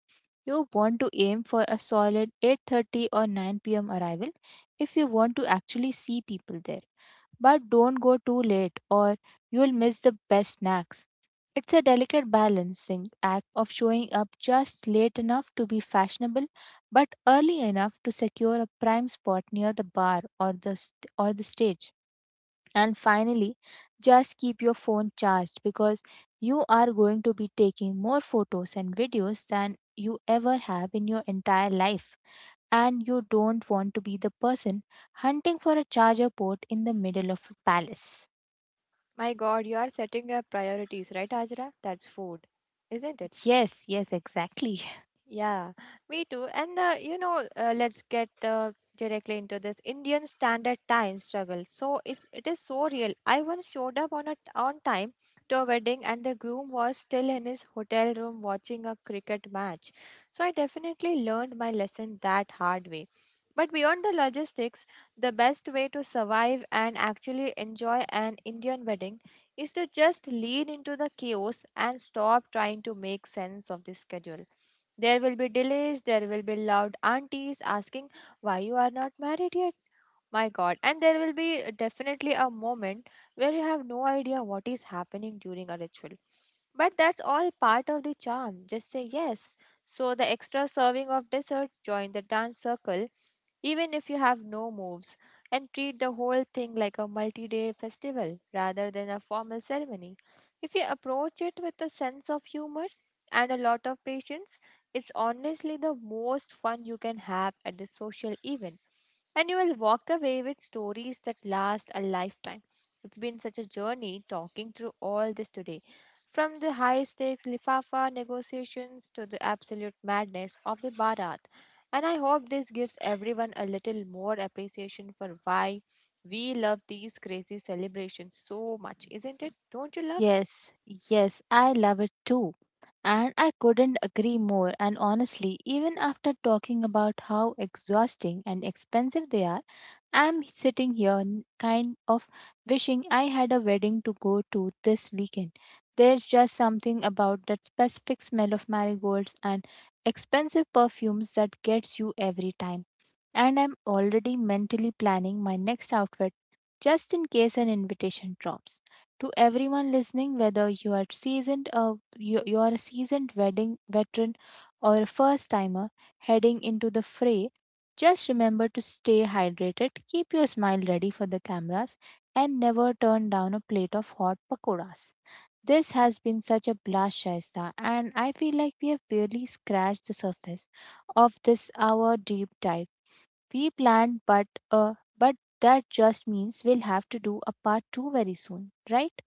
[SPEAKER 2] You want to aim for a solid 8:30 or 9 p.m. arrival if you want to actually see people there. But don't go too late, or you'll miss the best snacks. It's a delicate balancing act of showing up just late enough to be fashionable but early enough to secure a prime spot near the bar or the st- or the stage. And finally, just keep your phone charged because you are going to be taking more photos and videos than you ever have in your entire life, and you don't want to be the person hunting for a charger port in the middle of a palace.
[SPEAKER 1] My god, you are setting your priorities, right, Ajra? That's food, isn't it?
[SPEAKER 2] Yes, yes, exactly.
[SPEAKER 1] Yeah, me too. And you know, let's get directly into this Indian Standard Time struggle. So it is so real. I once showed up on time to a wedding, and the groom was still in his hotel room watching a cricket match. So I definitely learned my lesson that hard way. But beyond the logistics, the best way to survive and actually enjoy an Indian wedding is to just lean into the chaos and stop trying to make sense of the schedule. There will be delays, there will be loud aunties asking why you are not married yet, my God. And there will be definitely a moment where you have no idea what is happening during a ritual. But that's all part of the charm. Just say yes. So the extra serving of dessert, join the dance circle, even if you have no moves, and treat the whole thing like a multi day festival rather than a formal ceremony. If you approach it with a sense of humor and a lot of patience, it's honestly the most fun you can have at the social event, and you will walk away with stories that last a lifetime. It's been such a journey talking through all this today, from the high stakes Lifafa negotiations to the absolute madness of the Bharat. And I hope this gives everyone a little more appreciation for why we love these crazy celebrations so much, isn't it? Don't you love?
[SPEAKER 2] Yes, yes, I love it too. And I couldn't agree more. And honestly, even after talking about how exhausting and expensive they are, I'm sitting here kind of wishing I had a wedding to go to this weekend. There's just something about that specific smell of marigolds and expensive perfumes that gets you every time, and I'm already mentally planning my next outfit just in case an invitation drops. To everyone listening, whether you are a seasoned wedding veteran or a first timer heading into the fray, just remember to stay hydrated, keep your smile ready for the cameras, and never turn down a plate of hot pakoras. This has been such a blast, Shaista, and I feel like we have barely scratched the surface of this hour deep dive we planned, but uh, but that just means we'll have to do a part two very soon, right?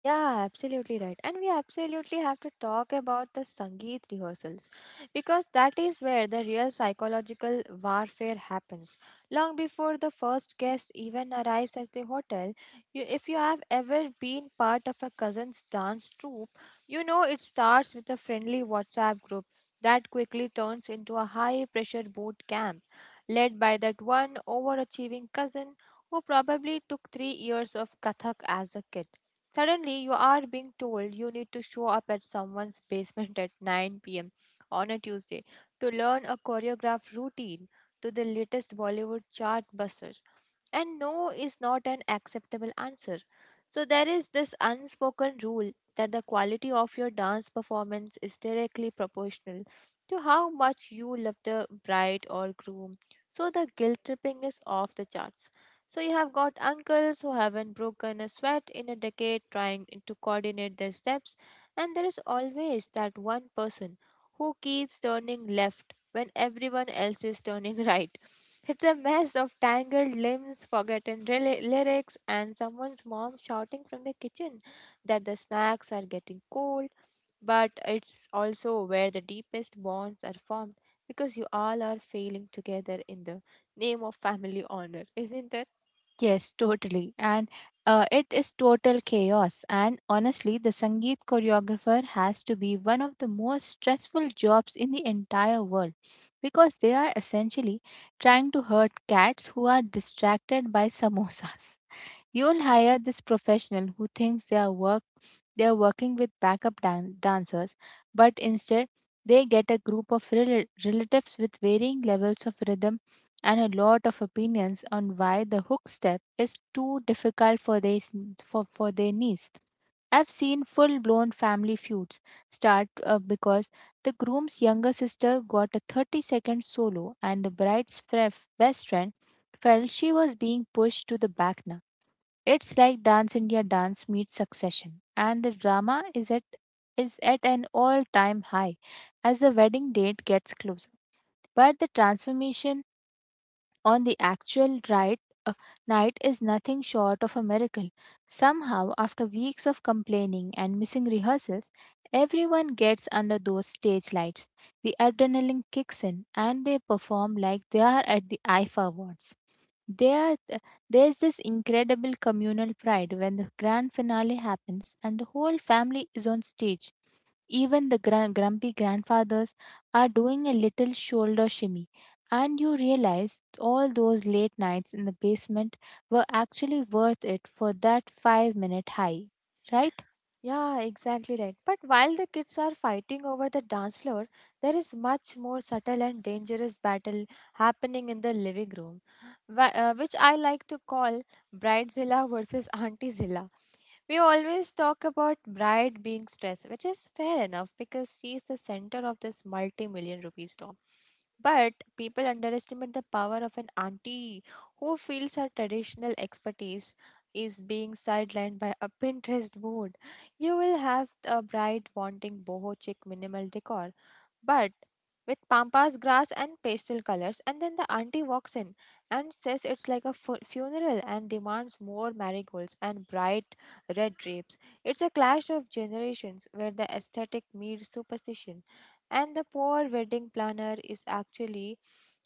[SPEAKER 1] Yeah, absolutely right. And we absolutely have to talk about the Sangeet rehearsals because that is where the real psychological warfare happens. Long before the first guest even arrives at the hotel, if you have ever been part of a cousin's dance troupe, you know it starts with a friendly WhatsApp group that quickly turns into a high pressure boot camp led by that one overachieving cousin who probably took 3 years of Kathak as a kid. Suddenly, you are being told you need to show up at someone's basement at 9 pm on a Tuesday to learn a choreographed routine to the latest Bollywood chart buster. And no is not an acceptable answer. So, there is this unspoken rule that the quality of your dance performance is directly proportional to how much you love the bride or groom. So, the guilt tripping is off the charts. So you have got uncles who haven't broken a sweat in a decade trying to coordinate their steps, and there is always that one person who keeps turning left when everyone else is turning right. It's a mess of tangled limbs, lyrics, and someone's mom shouting from the kitchen that the snacks are getting cold. But it's also where the deepest bonds are formed because you all are failing together in the name of family honor, isn't it?
[SPEAKER 2] Yes, totally. And it is total chaos. And honestly, the Sangeet choreographer has to be one of the most stressful jobs in the entire world because they are essentially trying to hurt cats who are distracted by samosas. You will hire this professional who thinks they are working with backup dancers, but instead they get a group of relatives with varying levels of rhythm and a lot of opinions on why the hook step is too difficult for their niece. I've seen full blown family feuds start because the groom's younger sister got a 30-second solo, and the bride's best friend felt she was being pushed to the back. It's like Dance India Dance meets Succession, and the drama is at an all-time high as the wedding date gets closer. But the transformation on the actual uh, night is nothing short of a miracle. Somehow, after weeks of complaining and missing rehearsals, everyone gets under those stage lights. The adrenaline kicks in, and they perform like they are at the IFA Awards. There, uh, there's this incredible communal pride when the grand finale happens and the whole family is on stage. Even the grumpy grandfathers are doing a little shoulder shimmy, and you realize all those late nights in the basement were actually worth it for that 5-minute high, right?
[SPEAKER 1] Yeah, exactly right. But while the kids are fighting over the dance floor, there is much more subtle and dangerous battle happening in the living room, which I like to call Bridezilla versus Auntiezilla. We always talk about bride being stressed, which is fair enough because she is the center of this multi million rupee storm. But people underestimate the power of an auntie who feels her traditional expertise is being sidelined by a Pinterest board. You will have a bride wanting boho chic minimal decor, but with pampas grass and pastel colors, and then the auntie walks in and says it's like a funeral and demands more marigolds and bright red drapes. It's a clash of generations where the aesthetic meets superstition, and the poor wedding planner is actually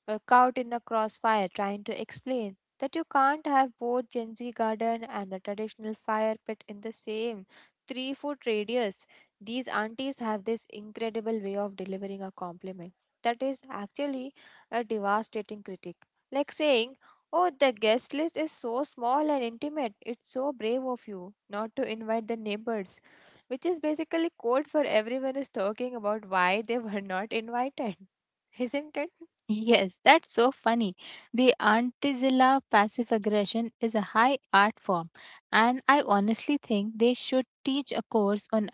[SPEAKER 1] caught in a crossfire trying to explain that you can't have both Gen Z garden and a traditional fire pit in the same 3 foot radius. These aunties have this incredible way of delivering a compliment that is actually a devastating critique. Like saying, "Oh, the guest list is so small and intimate. It's so brave of you not to invite the neighbors," which is basically code for everyone is talking about why they were not invited, isn't it?
[SPEAKER 2] Yes, that's so funny. The Antizilla passive aggression is a high art form, and I honestly think they should teach a course on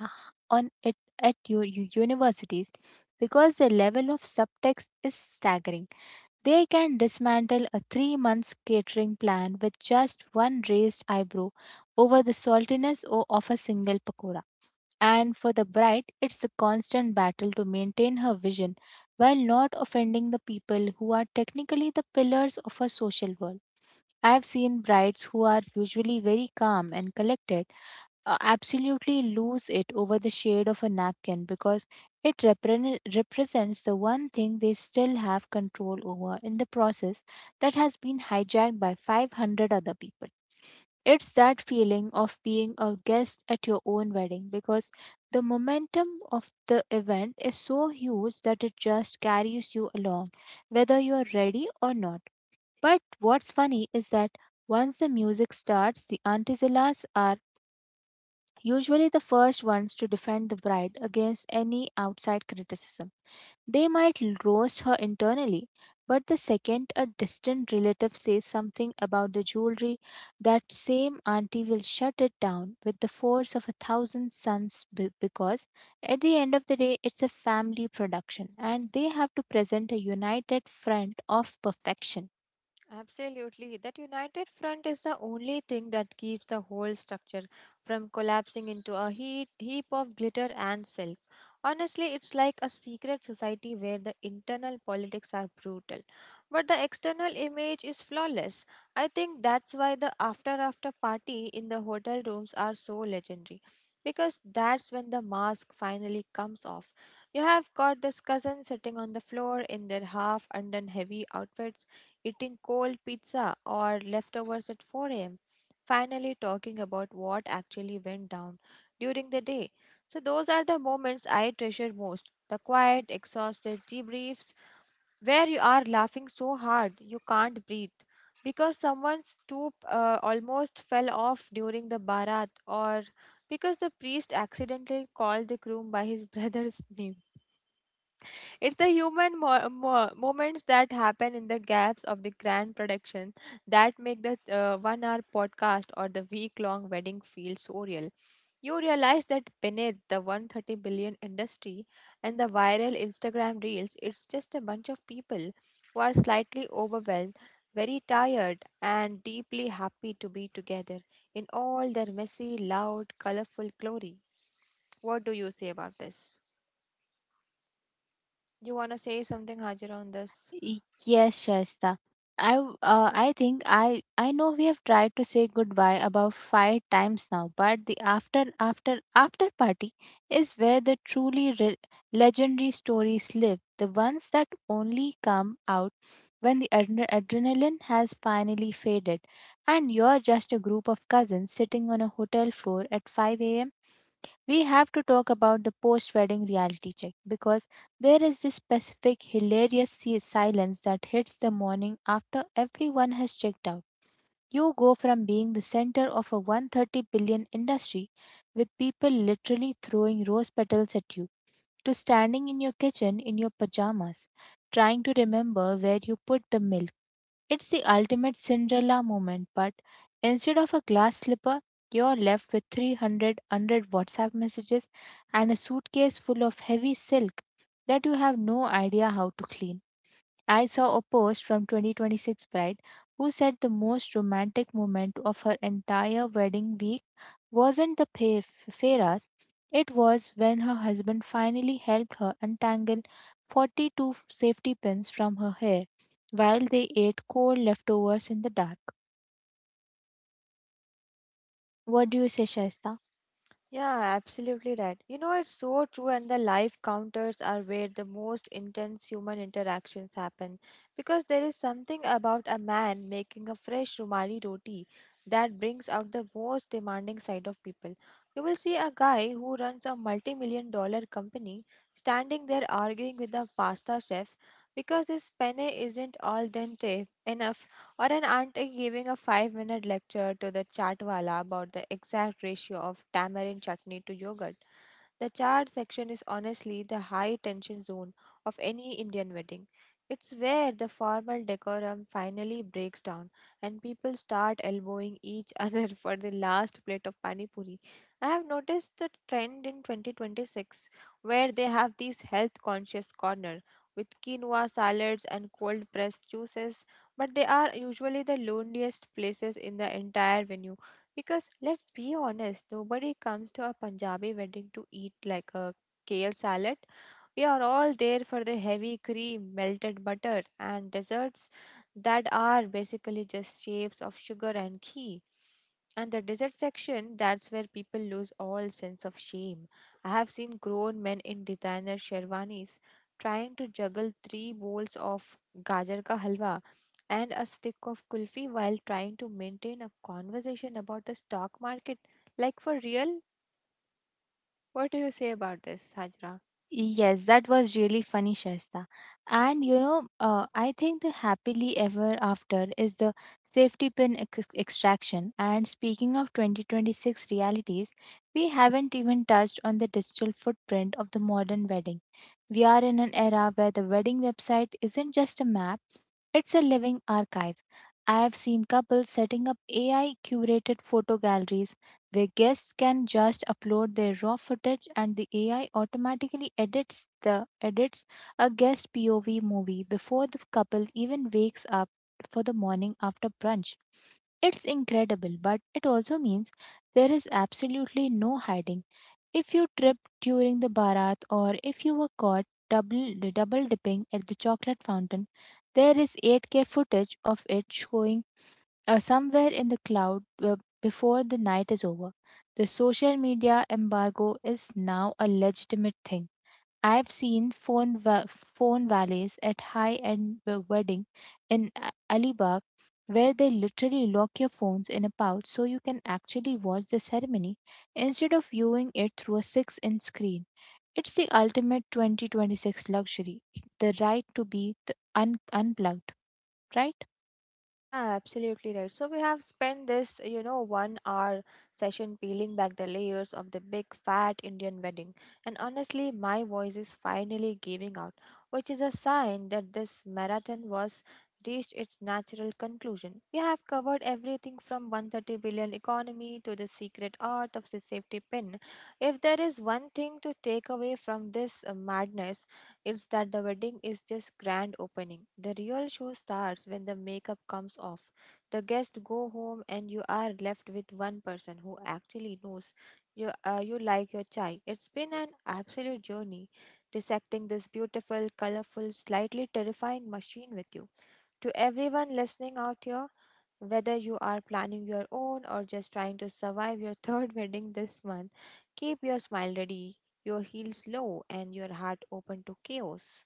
[SPEAKER 2] on it at your universities because the level of subtext is staggering. They can dismantle a 3 months catering plan with just one raised eyebrow over the saltiness of a single pakora. And for the bride, it's a constant battle to maintain her vision while not offending the people who are technically the pillars of her social world. I've seen brides who are usually very calm and collected absolutely lose it over the shade of a napkin because it represents the one thing they still have control over in the process that has been hijacked by 500 other people. It's that feeling of being a guest at your own wedding because the momentum of the event is so huge that it just carries you along, whether you're ready or not. But what's funny is that once the music starts, the Antizillas are usually the first ones to defend the bride against any outside criticism. They might roast her internally, but the second a distant relative says something about the jewelry, that same auntie will shut it down with the force of a thousand suns because at the end of the day, it's a family production, and they have to present a united front of perfection.
[SPEAKER 1] Absolutely. That united front is the only thing that keeps the whole structure from collapsing into a heap of glitter and silk. Honestly, it's like a secret society where the internal politics are brutal, but the external image is flawless. I think that's why the after after party in the hotel rooms are so legendary. Because that's when the mask finally comes off. You have got this cousin sitting on the floor in their half undone heavy outfits eating cold pizza or leftovers at 4 a.m., finally talking about what actually went down during the day. So, those are the moments I treasure most, the quiet, exhausted debriefs where you are laughing so hard you can't breathe because someone's stoop almost fell off during the barat or because the priest accidentally called the groom by his brother's name. It's the human moments that happen in the gaps of the grand production that make the 1 hour podcast or the week long wedding feel so real. You realize that beneath the 130 billion industry and the viral Instagram reels, it's just a bunch of people who are slightly overwhelmed, very tired, and deeply happy to be together in all their messy, loud, colorful glory. What do you say about this? You want to say something, Hajar, on this?
[SPEAKER 2] Yes, Shaista. I think I know we have tried to say goodbye about five times now, but the after after after party is where the truly legendary stories live, the ones that only come out when the adrenaline has finally faded, and you're just a group of cousins sitting on a hotel floor at 5 a.m. We have to talk about the post wedding reality check because there is this specific hilarious silence that hits the morning after everyone has checked out. You go from being the center of a 130 billion industry with people literally throwing rose petals at you to standing in your kitchen in your pajamas trying to remember where you put the milk. It's the ultimate Cinderella moment, but instead of a glass slipper, you're left with 300 100 WhatsApp messages and a suitcase full of heavy silk that you have no idea how to clean. I saw a post from 2026 bride who said the most romantic moment of her entire wedding week wasn't the Fera's. It was when her husband finally helped her untangle 42 safety pins from her hair while they ate cold leftovers in the dark. What do you say, Shaista?
[SPEAKER 1] Yeah, absolutely right. You know, it's so true, and the live counters are where the most intense human interactions happen because there is something about a man making a fresh Rumali roti that brings out the most demanding side of people. You will see a guy who runs a multi million dollar company standing there arguing with the pasta chef because his penne isn't al dente enough, or an auntie giving a 5 minute lecture to the chatwala about the exact ratio of tamarind chutney to yogurt. The chart section is honestly the high tension zone of any Indian wedding. It's where the formal decorum finally breaks down and people start elbowing each other for the last plate of pani puri. I have noticed the trend in 2026 where they have these health conscious corner with quinoa salads and cold pressed juices, but they are usually the loneliest places in the entire venue. Because let's be honest, nobody comes to a Punjabi wedding to eat like a kale salad. We are all there for the heavy cream, melted butter, and desserts that are basically just shapes of sugar and ghee. And the dessert section, that's where people lose all sense of shame. I have seen grown men in designer sherwanis trying to juggle three bowls of gajar ka halwa and a stick of kulfi while trying to maintain a conversation about the stock market. Like for real? What do you say about this, Hajra?
[SPEAKER 2] Yes, that was really funny, Shasta. And you know, I think the happily ever after is the safety pin extraction. And speaking of 2026 realities, we haven't even touched on the digital footprint of the modern wedding. We are in an era where the wedding website isn't just a map, it's a living archive. I have seen couples setting up AI curated photo galleries where guests can just upload their raw footage, and the AI automatically edits a guest POV movie before the couple even wakes up for the morning after brunch. It's incredible, but it also means there is absolutely no hiding. If you tripped during the barat, or if you were caught double double dipping at the chocolate fountain, there is 8K footage of it showing somewhere in the cloud uh, before the night is over. The social media embargo is now a legitimate thing. I've seen phone valleys at high-end wedding in Alibag where they literally lock your phones in a pouch so you can actually watch the ceremony instead of viewing it through a 6-inch screen. It's the ultimate 2026 luxury, the right to be unplugged, right?
[SPEAKER 1] Yeah, absolutely right. So we have spent this, you know, 1 hour session peeling back the layers of the big fat Indian wedding. And honestly, my voice is finally giving out, which is a sign that this marathon was reached its natural conclusion. We have covered everything from 130 billion economy to the secret art of the safety pin. If there is one thing to take away from this madness, it's that the wedding is just grand opening. The real show starts when the makeup comes off. The guests go home and you are left with one person who actually knows you like your chai. It's been an absolute journey dissecting this beautiful, colorful, slightly terrifying machine with you. To everyone listening out here, whether you are planning your own or just trying to survive your third wedding this month, keep your smile ready, your heels low and your heart open to chaos.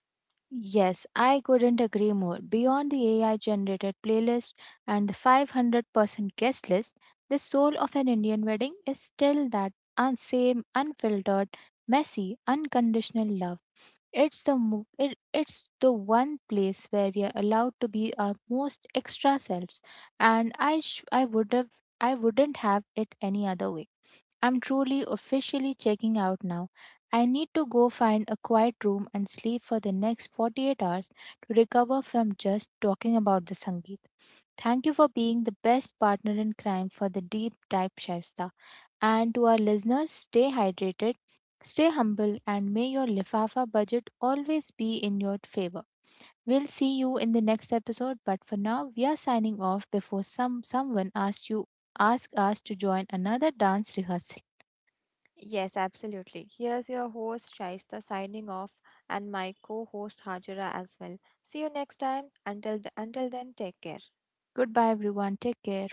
[SPEAKER 2] Yes, I couldn't agree more. Beyond the AI generated playlist and the 500% guest list, the soul of an Indian wedding is still that same unfiltered, messy, unconditional love. It's the it's the one place where we are allowed to be our most extra selves, and I wouldn't have it any other way. I'm truly officially checking out now. I need to go find a quiet room and sleep for the next 48 hours to recover from just talking about the Sangeet. Thank you for being the best partner in crime for the deep dive, Shaista. And to our listeners, stay hydrated, stay humble, and may your Lifafa budget always be in your favor. We'll see you in the next episode, but for now, we are signing off before someone ask us to join another dance rehearsal.
[SPEAKER 1] Yes, absolutely. Here's your host Shaista signing off and my co-host Hajira as well. See you next time. Until then, take care.
[SPEAKER 2] Goodbye, everyone. Take care.